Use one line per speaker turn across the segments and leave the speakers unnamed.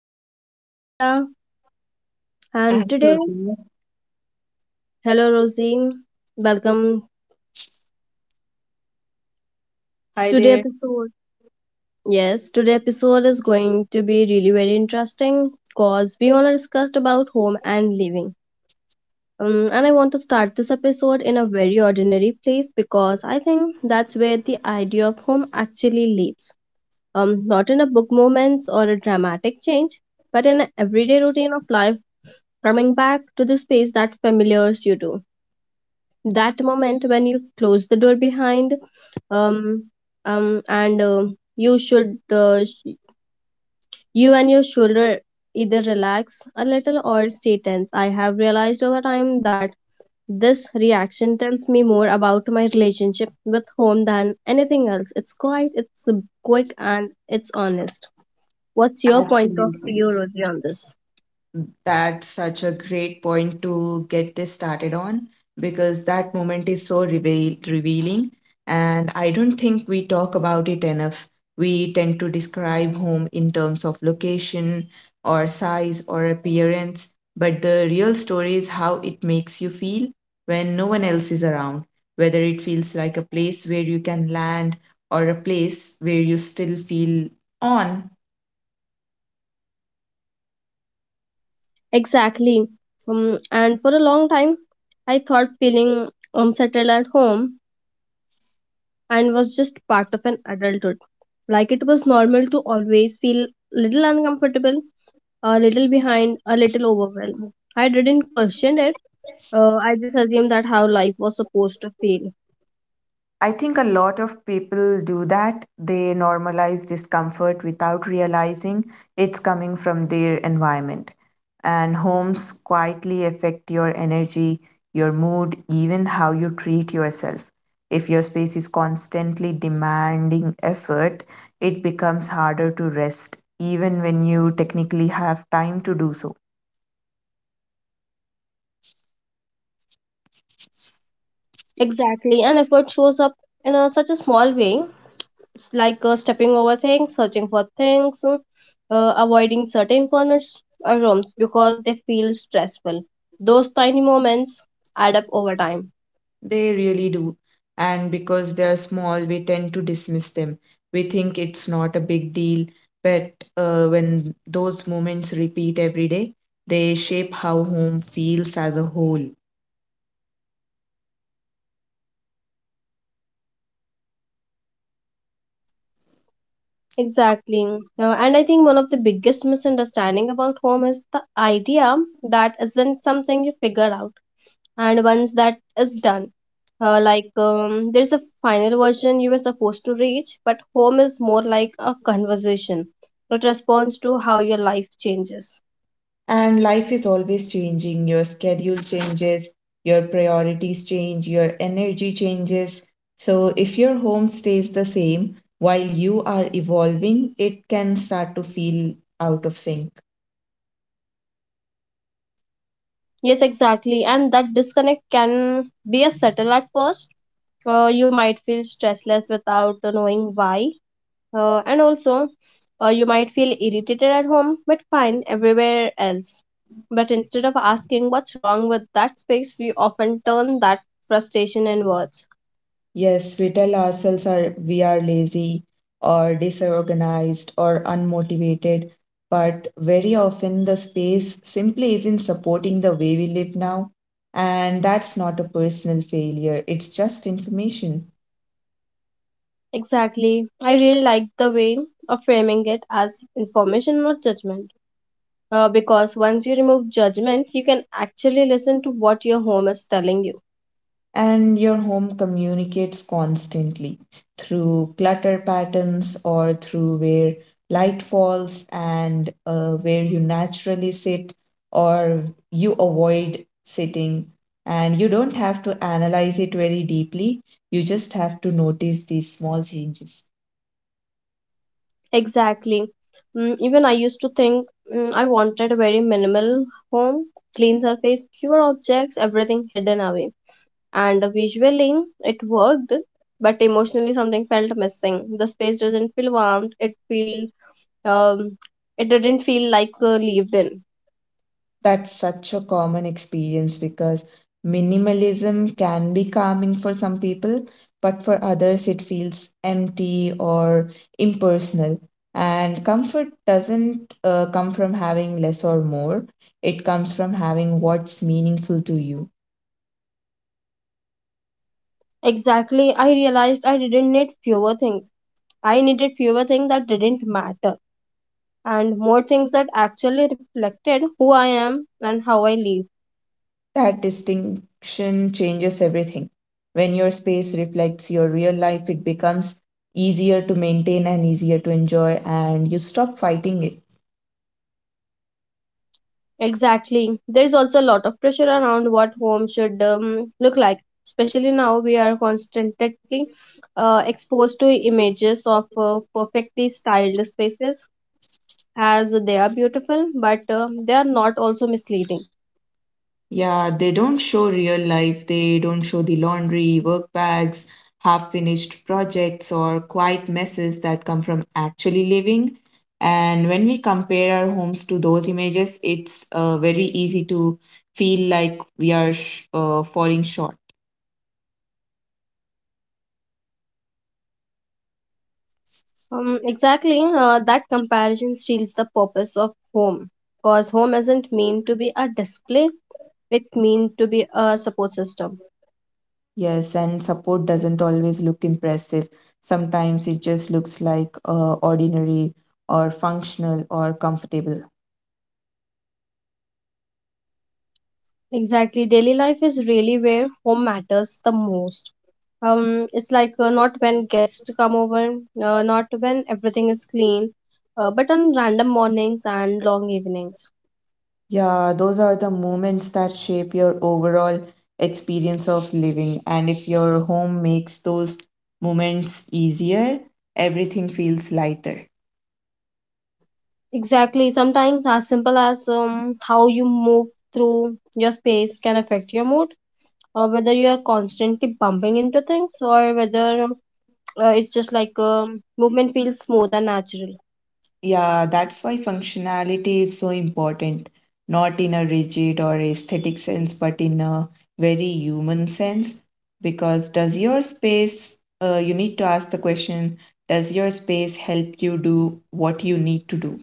is your host Ria and
And
today
Rosie,
hello Rosie. Welcome
hi
to the
there.
episode. Yes, today episode is going to be really very interesting because we gonna discuss about home and living. And I want to start this episode in a very ordinary place because I think that's where the idea of home actually lives, not in a book moments or a dramatic change, but in an everyday routine of life, coming back to the space that familiars you to. That moment when you close the door behind, um, um, and uh, you should, uh, you and your shoulder either relax a little or stay tense. I have realized over time that this reaction tells me more about my relationship with home than anything else. It's quiet, it's quick, and it's honest. What's your point of
Absolutely.
view, Rodri, on this?
That's such a great point to get this started on because that moment is so revealing. And I don't think we talk about it enough. We tend to describe home in terms of location or size or appearance, but the real story is how it makes you feel when no one else is around, whether it feels like a place where you can land or a place where you still feel on.
Exactly. And for a long time, I thought feeling unsettled at home and was just part of an adulthood. Like it was normal to always feel a little uncomfortable, a little behind, a little overwhelmed. I didn't question it. I just assumed that how life was supposed to feel.
I think a lot of people do that. They normalize discomfort without realizing it's coming from their environment. And homes quietly affect your energy, your mood, even how you treat yourself. If your space is constantly demanding effort, it becomes harder to rest, even when you technically have time to do so.
Exactly. And effort shows up in a, such a small way. It's like stepping over things, searching for things, avoiding certain corners or rooms because they feel stressful. Those tiny moments add up over time.
They really do. And because they're small, we tend to dismiss them. We think it's not a big deal. But when those moments repeat every day, they shape how home feels as a whole.
Exactly. And I think one of the biggest misunderstanding about home is the idea that isn't something you figure out. And once that is done, there's a final version you were supposed to reach, but home is more like a conversation. It responds to how your life changes.
And life is always changing. Your schedule changes, your priorities change, your energy changes. So if your home stays the same while you are evolving, it can start to feel out of sync.
Yes, exactly. And that disconnect can be a subtle at first. You might feel stressless without knowing why. And also, you might feel irritated at home, but fine everywhere else. But instead of asking what's wrong with that space, we often turn that frustration in words.
Yes, we tell ourselves are, we are lazy or disorganized or unmotivated, but very often the space simply isn't supporting the way we live now. And that's not a personal failure, it's just information.
Exactly. I really like the way of framing it as information, not judgment. Because once you remove judgment, you can actually listen to what your home is telling you.
And your home communicates constantly through clutter patterns or through where light falls and where you naturally sit or you avoid sitting, and you don't have to analyze it very deeply. You just have to notice these small changes.
Exactly. Even I used to think I wanted a very minimal home, clean surface, fewer objects, everything hidden away. And visually, it worked, but emotionally, something felt missing. The space doesn't feel warm. It feel um, it didn't feel like lived in.
That's such a common experience because minimalism can be calming for some people, but for others it feels empty or impersonal. And comfort doesn't come from having less or more, it comes from having what's meaningful to you.
Exactly. I realized I didn't need fewer things. I needed fewer things that didn't matter, and more things that actually reflected who I am and how I live.
That distinction changes everything. When your space reflects your real life, it becomes easier to maintain and easier to enjoy, and you stop fighting it.
Exactly. There is also a lot of pressure around what home should look like, especially now we are constantly exposed to images of perfectly styled spaces as they are beautiful, but they are not also misleading.
Yeah, they don't show real life. They don't show the laundry, work bags, half finished projects, or quiet messes that come from actually living. And when we compare our homes to those images, it's very easy to feel like we are falling short.
Exactly, that comparison steals the purpose of home because home isn't meant to be a display, it meant to be a support system.
Yes, and support doesn't always look impressive. Sometimes it just looks like ordinary or functional or comfortable.
Exactly. Daily life is really where home matters the most. It's like not when guests come over, not when everything is clean, but on random mornings and long evenings.
Yeah, those are the moments that shape your overall experience of living. And if your home makes those moments easier, everything feels lighter.
Exactly. Sometimes as simple as how you move through your space can affect your mood, or whether you are constantly bumping into things, or whether it's just like movement feels smooth and natural.
Yeah, that's why functionality is so important, not in a rigid or aesthetic sense, but in a very human sense. Because does your space, you need to ask the question, does your space help you do what you need to do?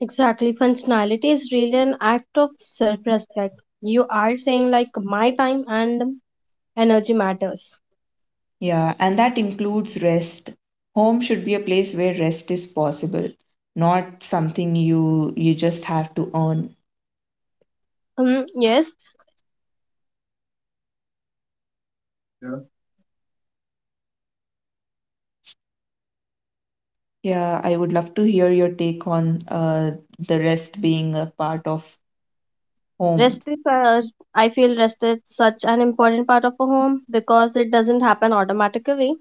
Exactly. Functionality is really an act of self respect. You are saying, like, my time and energy matters.
Yeah, and that includes rest. Home should be a place where rest is possible, not something you just have to earn.
Mm, yes,
Yeah, I would love to hear your take on the rest being a part of home.
rest is, uh, I feel rest is such an important part of a home because it doesn't happen automatically.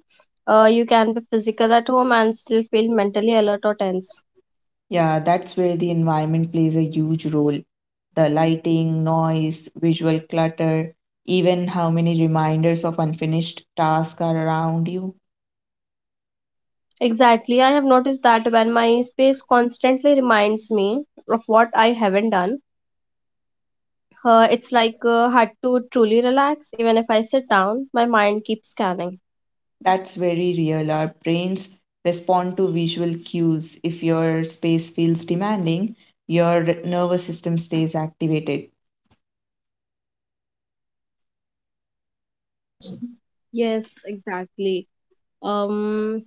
You can be physical at home and still feel mentally alert or tense.
Yeah, that's where the environment plays a huge role. The lighting, noise, visual clutter, even how many reminders of unfinished tasks are around you.
Exactly. I have noticed that when my space constantly reminds me of what I haven't done, it's like hard to truly relax. Even if I sit down, my mind keeps scanning.
That's very real. Our brains respond to visual cues. If your space feels demanding, your nervous system stays activated.
Yes, exactly. Um,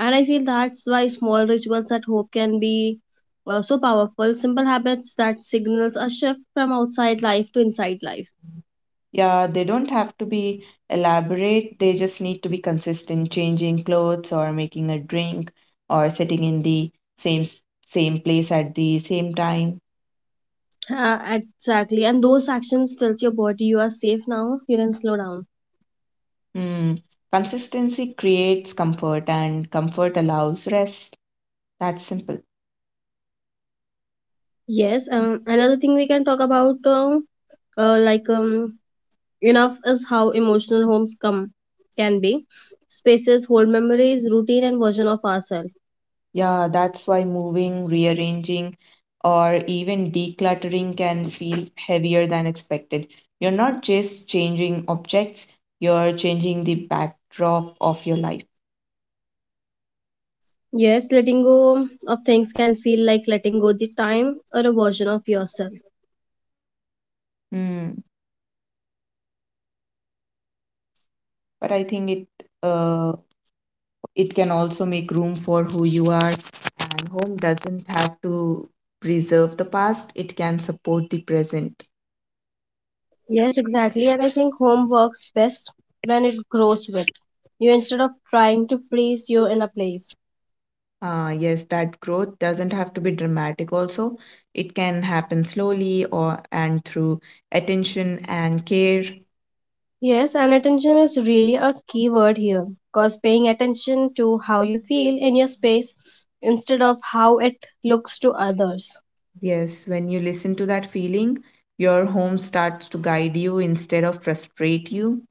and I feel that's why small rituals at home can be so powerful. Simple habits that signals a shift from outside life to inside life.
Yeah, they don't have to be elaborate, they just need to be consistent, changing clothes or making a drink or sitting in the same s- same place at the same time.
Exactly. And those actions tells your body you are safe now. You can slow down.
Hmm. Consistency creates comfort and comfort allows rest. That's simple.
Yes. Another thing we can talk about, uh, like um, Enough is how emotional homes come can be. Spaces hold memories, routine, and version of ourselves.
Yeah, that's why moving, rearranging, or even decluttering can feel heavier than expected. You're not just changing objects, you're changing the backdrop of your life.
Yes, letting go of things can feel like letting go the time or a version of yourself.
Hmm. But I think uh, it can also make room for who you are, and home doesn't have to preserve the past, it can support the present.
Yes, exactly, and I think home works best when it grows with you instead of trying to freeze you in a place.
Ah, yes, that growth doesn't have to be dramatic also. It can happen slowly or and through attention and care.
Yes, and attention is really a key word here because paying attention to how you feel in your space instead of how it looks to others.
Yes, when you listen to that feeling, your home starts to guide you instead of frustrate you.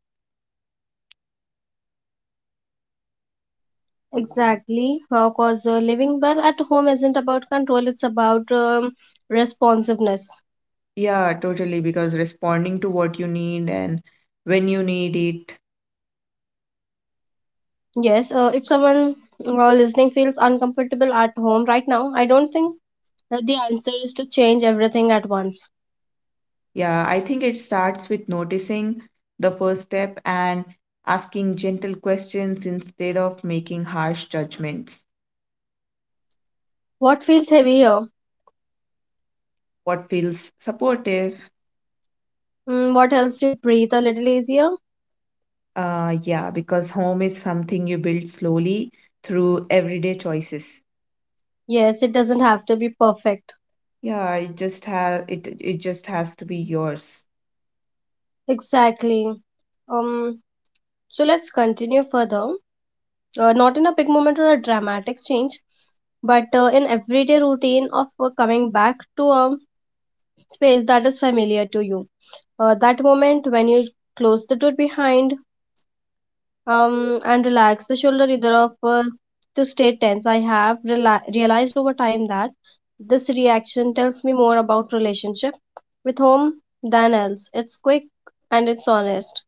Exactly, because living well at home isn't about control, it's about responsiveness.
Yeah, totally, because responding to what you need and when you need it.
Yes, if someone listening feels uncomfortable at home right now, I don't think that the answer is to change everything at once.
Yeah, I think it starts with noticing the first step and asking gentle questions instead of making harsh judgments.
What feels heavy here?
What feels supportive?
Mm, what helps you breathe a little easier?
Yeah, because home is something you build slowly through everyday choices.
Yes, it doesn't have to be perfect.
Yeah, it just has to be yours.
Exactly. Um, so let's continue further. Not in a big moment or a dramatic change, but in everyday routine of coming back to a space that is familiar to you. That moment when you close the door behind, and relax the shoulder either of to stay tense. I have realized over time that this reaction tells me more about relationship with home than else. It's quick and it's honest.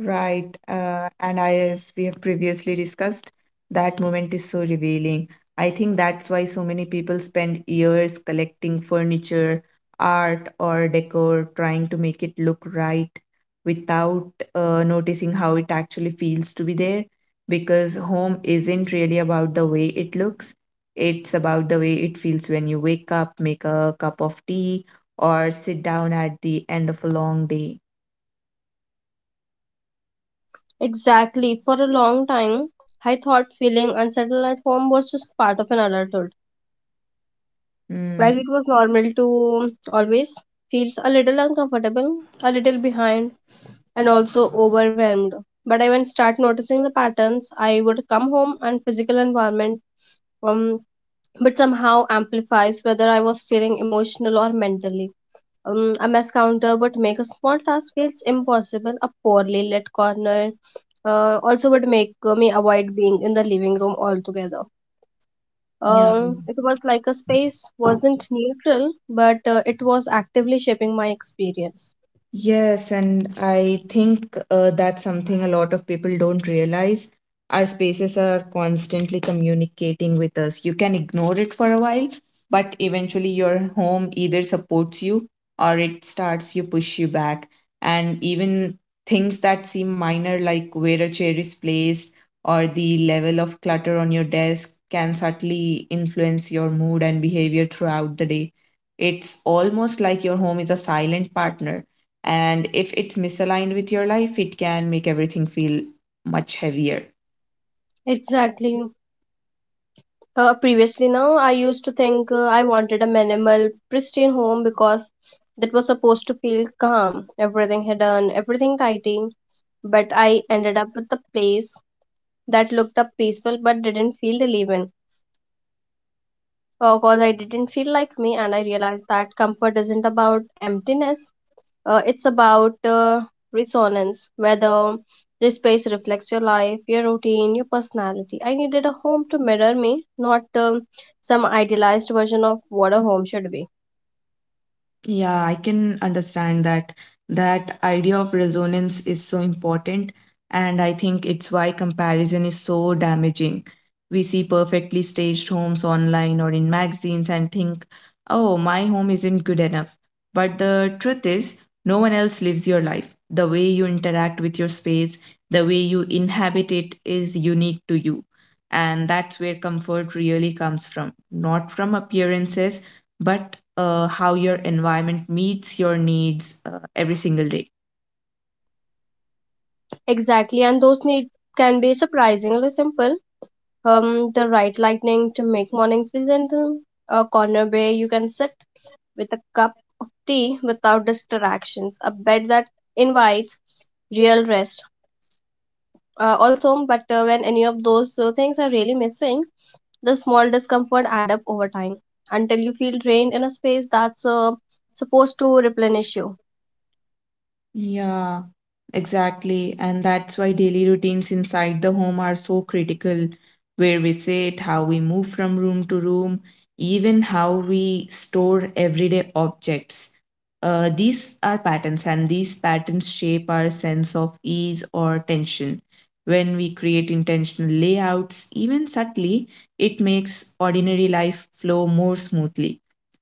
Right, and I, as we have previously discussed, that moment is so revealing. I think that's why so many people spend years collecting furniture, art, or decor, trying to make it look right without noticing how it actually feels to be there. Because home isn't really about the way it looks, it's about the way it feels when you wake up, make a cup of tea, or sit down at the end of a long day.
Exactly, for a long time I thought feeling unsettled at home was just part of an adulthood. Like
Hmm.
it was normal to always feels a little uncomfortable, a little behind, and also overwhelmed. But I when start noticing the patterns, I would come home and physical environment um but somehow amplifies whether I was feeling emotional or mentally. A mess counter would make a small task feels impossible, a poorly lit corner also would make me avoid being in the living room altogether.
Yeah.
It was like a space wasn't neutral, but it was actively shaping my experience.
Yes, and I think that's something a lot of people don't realize. Our spaces are constantly communicating with us. You can ignore it for a while, but eventually your home either supports you or it starts you push you back. And even things that seem minor, like where a chair is placed or the level of clutter on your desk, can subtly influence your mood and behavior throughout the day. It's almost like your home is a silent partner, and if it's misaligned with your life, it can make everything feel much heavier.
Exactly. Previously, now I used to think I wanted a minimal, pristine home because that was supposed to feel calm, everything hidden, everything tidy. But I ended up with a place that looked up peaceful but didn't feel to live in. Because I didn't feel like me, and I realized that comfort isn't about emptiness. It's about resonance, whether this space reflects your life, your routine, your personality. I needed a home to mirror me, not some idealized version of what a home should be.
Yeah, I can understand that. That idea of resonance is so important, and I think it's why comparison is so damaging. We see perfectly staged homes online or in magazines and think, oh, my home isn't good enough. But the truth is, no one else lives your life. The way you interact with your space, the way you inhabit it is unique to you. And that's where comfort really comes from, not from appearances, but how your environment meets your needs every single day.
Exactly, and those needs can be surprisingly simple. The right lighting to make mornings feel gentle, a corner where you can sit with a cup of tea without distractions, a bed that invites real rest. Also, but when any of those things are really missing, the small discomfort add up over time until you feel drained in a space that's supposed to replenish you.
Yeah, exactly. And that's why daily routines inside the home are so critical, where we sit, how we move from room to room, even how we store everyday objects. These are patterns, and these patterns shape our sense of ease or tension. When we create intentional layouts, even subtly, it makes ordinary life flow more smoothly.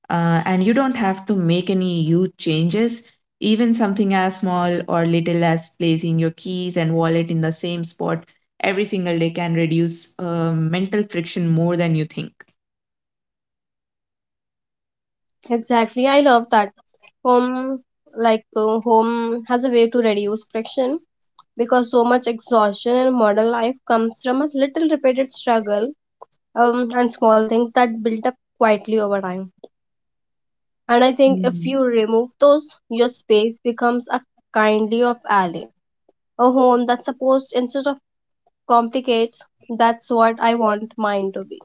And you don't have to make any huge changes. Even something as small or little as placing your keys and wallet in the same spot every single day can reduce mental friction more than you think.
Exactly, I love that. Home, like home, has a way to reduce friction because so much exhaustion in modern life comes from a little repeated struggle, and small things that build up quietly over time. And I think if
Hmm.
you remove those, your space becomes a kindly of alley, a home that supposed instead of complicates. That's what I want mine to be.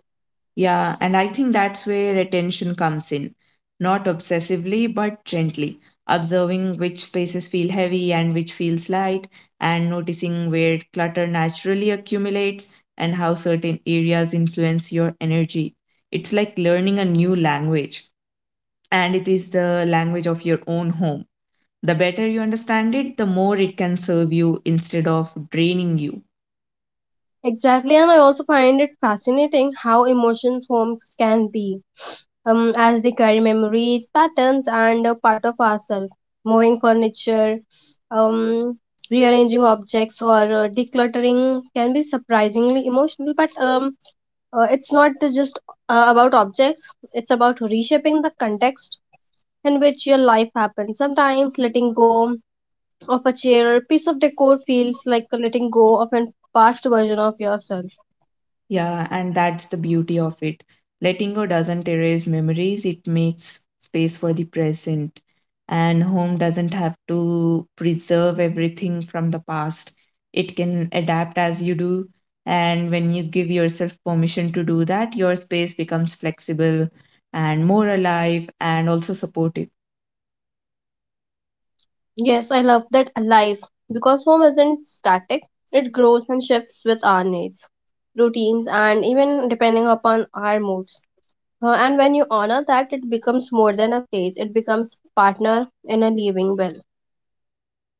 Yeah, and I think that's where attention comes in. Not obsessively, but gently. Observing which spaces feel heavy and which feels light, and noticing where clutter naturally accumulates and how certain areas influence your energy. It's like learning a new language, and it is the language of your own home. The better you understand it, the more it can serve you instead of draining you.
Exactly, and I also find it fascinating how emotions homes can be, as they carry memories, patterns, and a part of ourselves. Moving furniture, um, rearranging objects, or decluttering can be surprisingly emotional. But it's not just about objects; it's about reshaping the context in which your life happens. Sometimes letting go of a chair or piece of decor feels like letting go of an past version of yourself.
Yeah, and that's the beauty of it. Letting go doesn't erase memories, it makes space for the present. And home doesn't have to preserve everything from the past, it can adapt as you do. And when you give yourself permission to do that, your space becomes flexible and more alive and also supportive.
Yes, I love that alive because home isn't static. It grows and shifts with our needs, routines, and even depending upon our moods. And when you honor that, it becomes more than a place. It becomes partner in a living well.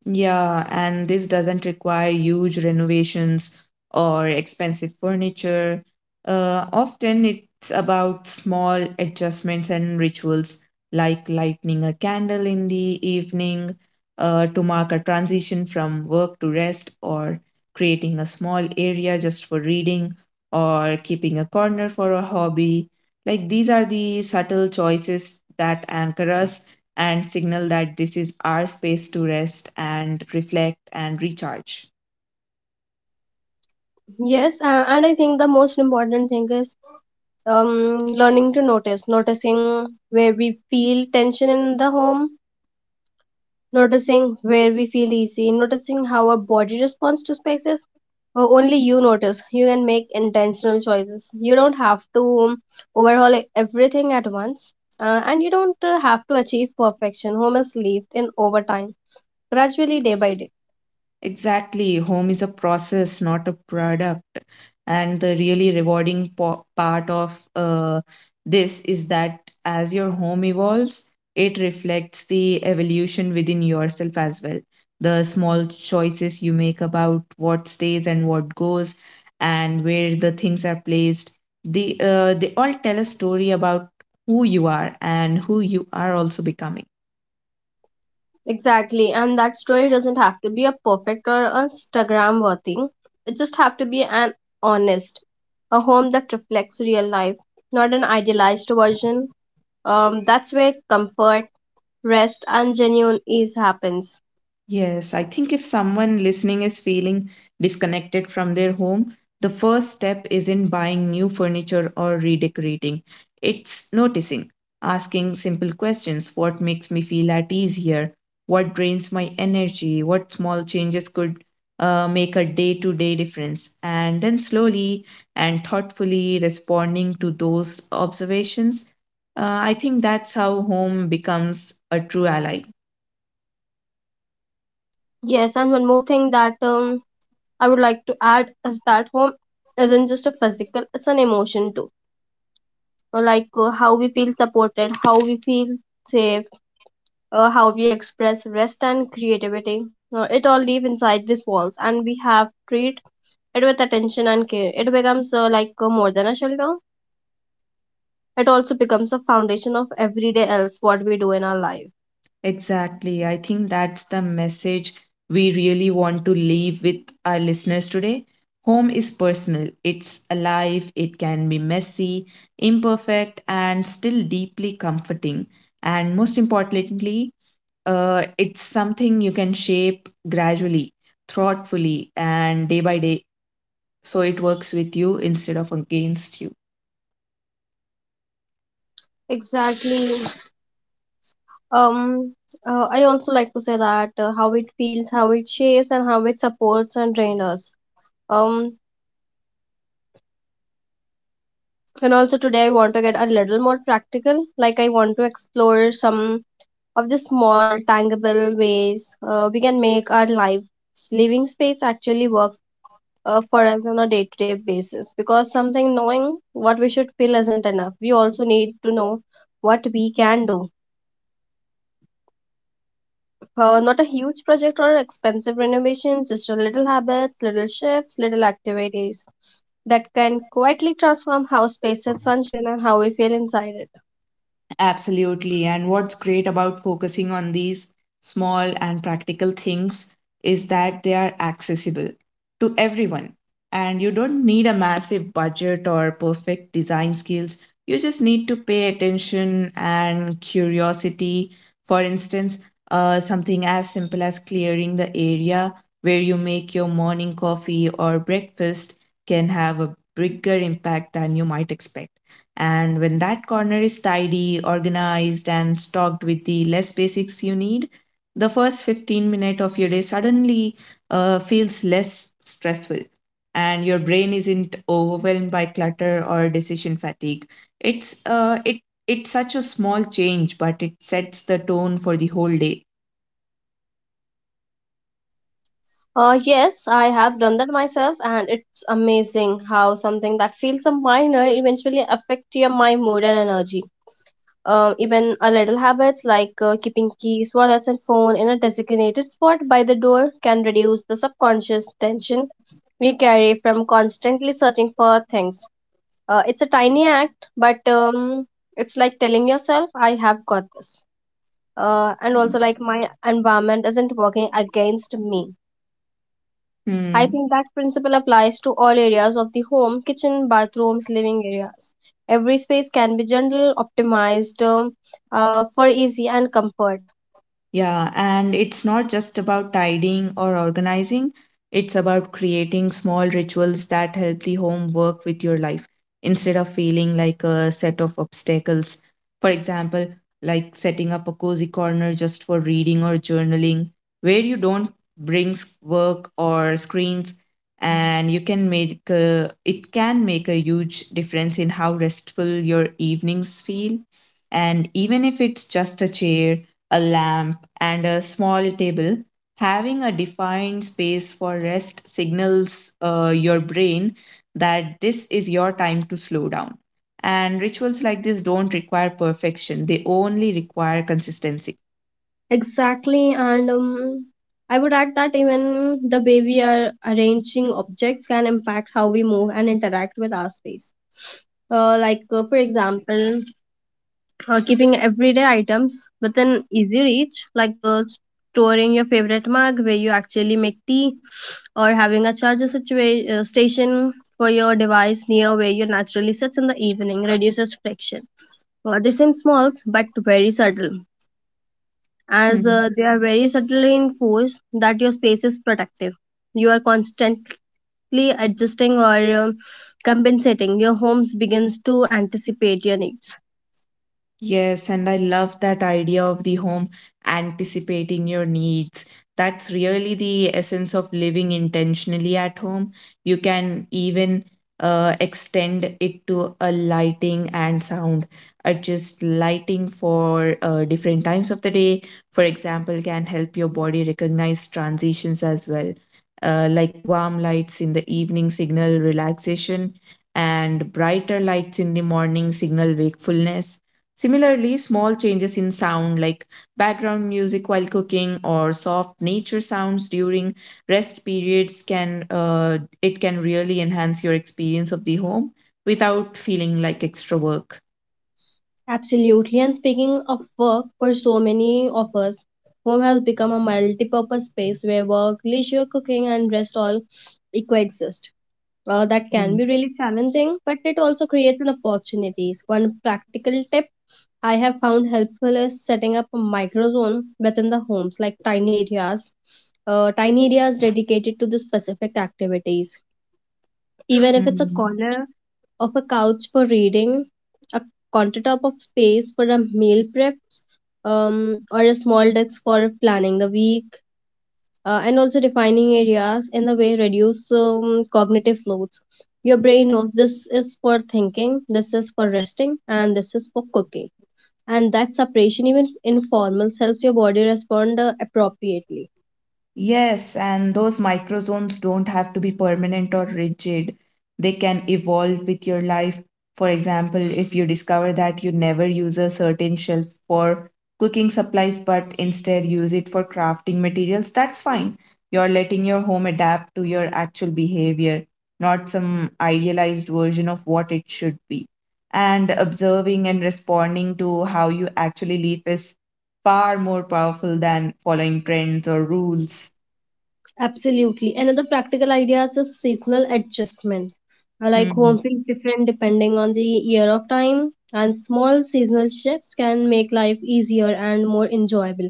Yeah, and this doesn't require huge renovations or expensive furniture. Often it's about small adjustments and rituals like lighting a candle in the evening to mark a transition from work to rest, or creating a small area just for reading, or keeping a corner for a hobby. Like these are the subtle choices that anchor us and signal that this is our space to rest and reflect and recharge.
Yes, and I think the most important thing is learning to notice, noticing where we feel tension in the home, noticing where we feel easy, noticing how our body responds to spaces. Only you notice. You can make intentional choices. You don't have to everything at once, and you don't have to achieve perfection. Home is lived in over time, gradually, day by day.
Exactly. Home is a process, not a product. And the really rewarding part of this is that as your home evolves, it reflects the evolution within yourself as well. The small choices you make about what stays and what goes, and where the things are placed, they all tell a story about who you are and who you are also becoming.
Exactly, and that story doesn't have to be a perfect or Instagram worthy. It just have to be an honest, a home that reflects real life, not an idealized version. That's where comfort, rest, and genuine ease happens.
Yes, I think if someone listening is feeling disconnected from their home, the first step isn't buying new furniture or redecorating. It's noticing, asking simple questions: what makes me feel at ease here? What drains my energy? What small changes could make a day to day difference? And then slowly and thoughtfully responding to those observations. I think that's how home becomes a true ally.
Yes, and one more thing that I would like to add is that home isn't just a physical, it's an emotion too. Like how we feel supported, how we feel safe, how we express rest and creativity. It all live inside these walls and we have treat it with attention and care. It becomes more than a shelter. It also becomes a foundation of everyday else what we do in our life.
Exactly. I think that's the message we really want to leave with our listeners today. Home is personal, it's alive, it can be messy, imperfect, and still deeply comforting. And most importantly, it's something you can shape gradually, thoughtfully, and day by day, so it works with you instead of against you.
Exactly. Um, I also like to say that how it feels, how it shapes, and how it supports and drains us. Um, And also today I want to get a little more practical. Like I want to explore some of the small, tangible ways we can make our lives living space actually works for us on a day-to-day basis. Because something knowing what we should feel isn't enough. We also need to know what we can do. Not a huge project or expensive renovation, just a little habits, little shifts, little activities that can quietly transform how spaces function and how we feel inside it.
Absolutely. And what's great about focusing on these small and practical things is that they are accessible to everyone. And you don't need a massive budget or perfect design skills. You just need to pay attention and curiosity. For instance, something as simple as clearing the area where you make your morning coffee or breakfast can have a bigger impact than you might expect. And when that corner is tidy, organized, and stocked with the less basics you need, the first 15 minutes of your day suddenly feels less stressful. And your brain isn't overwhelmed by clutter or decision fatigue. It's uh, it it's such a small change, but it sets the tone for the whole day.
Yes, I have done that myself, and it's amazing how something that feels a minor eventually affect your my mood and energy. Even a little habits like keeping keys, wallets, and phone in a designated spot by the door can reduce the subconscious tension we carry from constantly searching for things. It's a tiny act, but it's like telling yourself, "I have got this." And also like my environment isn't working against me. I
Hmm.
think that principle applies to all areas of the home kitchen, bathrooms, living areas. Every space can be gentle, optimized for easy and comfort.
Yeah, and it's not just about tidying or organizing, it's about creating small rituals that help the home work with your life instead of feeling like a set of obstacles. For example, like setting up a cozy corner just for reading or journaling, where you don't work or screens, and you can make a, it can make a huge difference in how restful your evenings feel. And even if it's just a chair, a lamp, and a small table. Having a defined space for rest signals your brain that this is your time to slow down. And rituals like this don't require perfection, they only require consistency.
Exactly, and I would add that even the way we are arranging objects can impact how we move and interact with our space. For example, keeping everyday items within easy reach, like storing your favorite mug where you actually make tea, or having a station for your device near where you naturally sits in the evening reduces friction. They seem small but very subtle, as they are very subtly enforced that your space is protective. You are constantly adjusting or compensating. Your homes begins to anticipate your needs.
Yes, and I love that idea of the home anticipating your needs. That's really the essence of living intentionally at home. You can even extend it to a lighting and sound. Adjust lighting for different times of the day, for example, can help your body recognize transitions as well, like warm lights in the evening signal relaxation, and brighter lights in the morning signal wakefulness. Similarly, small changes in sound like background music while cooking or soft nature sounds during rest periods can it can really enhance your experience of the home without feeling like extra work.
Absolutely. And speaking of work, for so many of us, home has become a multi-purpose space where work, leisure, cooking, and rest all coexist. That can be really challenging, but it also creates an opportunities. One practical tip I have found helpful is setting up a microzone within the homes, like tiny areas, tiny areas dedicated to the specific activities. Even if it's a
Mm.
corner of a couch for reading, a countertop of space for a meal preps, or a small desk for planning the week, and also defining areas in the way reduce cognitive loads. Your brain knows this is for thinking, this is for resting, and this is for cooking. And that separation, even informal, helps your body respond appropriately.
Yes, and those microzones don't have to be permanent or rigid. They can evolve with your life. For example, if you discover that you never use a certain shelf for cooking supplies but instead use it for crafting materials, that's fine. You're letting your home adapt to your actual behavior, not some idealized version of what it should be. And observing and responding to how you actually live is far more powerful than following trends or rules.
Absolutely. Another practical idea is a seasonal adjustment. Like
Hmm.
home feels different depending on the year of time, and small seasonal shifts can make life easier and more enjoyable.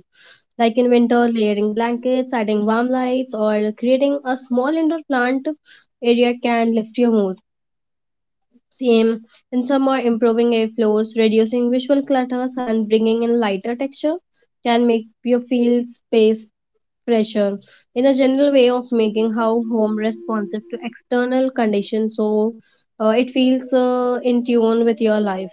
Like in winter, layering blankets, adding warm lights, or creating a small indoor plant area can lift your mood. Same, and some are improving airflows, reducing visual clutters, and bringing in lighter texture can make you feel space pressure in a general way of making how home responsive to external conditions, so it feels in tune with your life.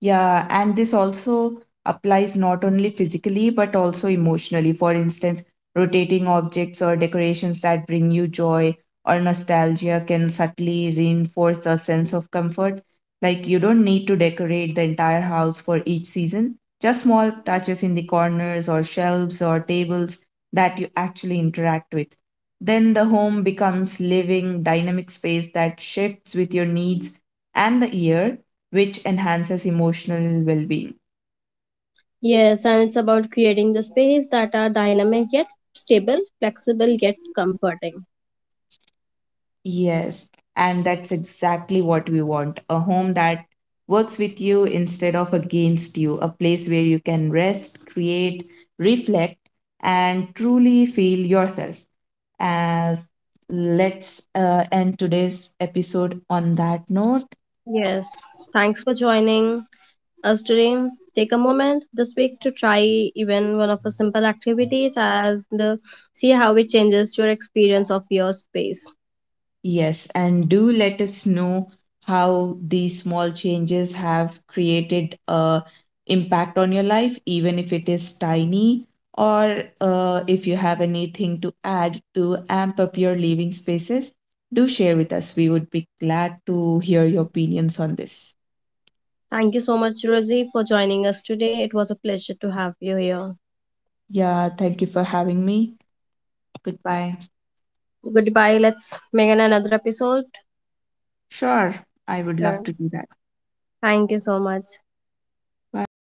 Yeah, and this also applies not only physically but also emotionally. For instance, rotating objects or decorations that bring you joy or nostalgia can subtly reinforce a sense of comfort. Like, you don't need to decorate the entire house for each season, just small touches in the corners or shelves or tables that you actually interact with. Then the home becomes living, dynamic space that shifts with your needs and the year, which enhances emotional well being.
Yes, and it's about creating the space that are dynamic yet stable, flexible yet comforting.
Yes, and that's exactly what we want, a home that works with you instead of against you, a place where you can rest, create, reflect, and truly feel yourself. As let's end today's episode on that note.
Yes, thanks for joining us today. Take a moment this week to try even one of the simple activities as the see how it changes your experience of your space.
Yes, and do let us know how these small changes have created a impact on your life, even if it is tiny, or if you have anything to add to amp up your living spaces, do share with us. We would be glad to hear your opinions on this.
Thank you so much, Rosie, for joining us today. It was a pleasure to have you here.
Yeah, thank you for having me. Goodbye.
Goodbye. Let's make another episode.
Sure, I would love
Sure.
to do that.
Thank you so much.
Bye.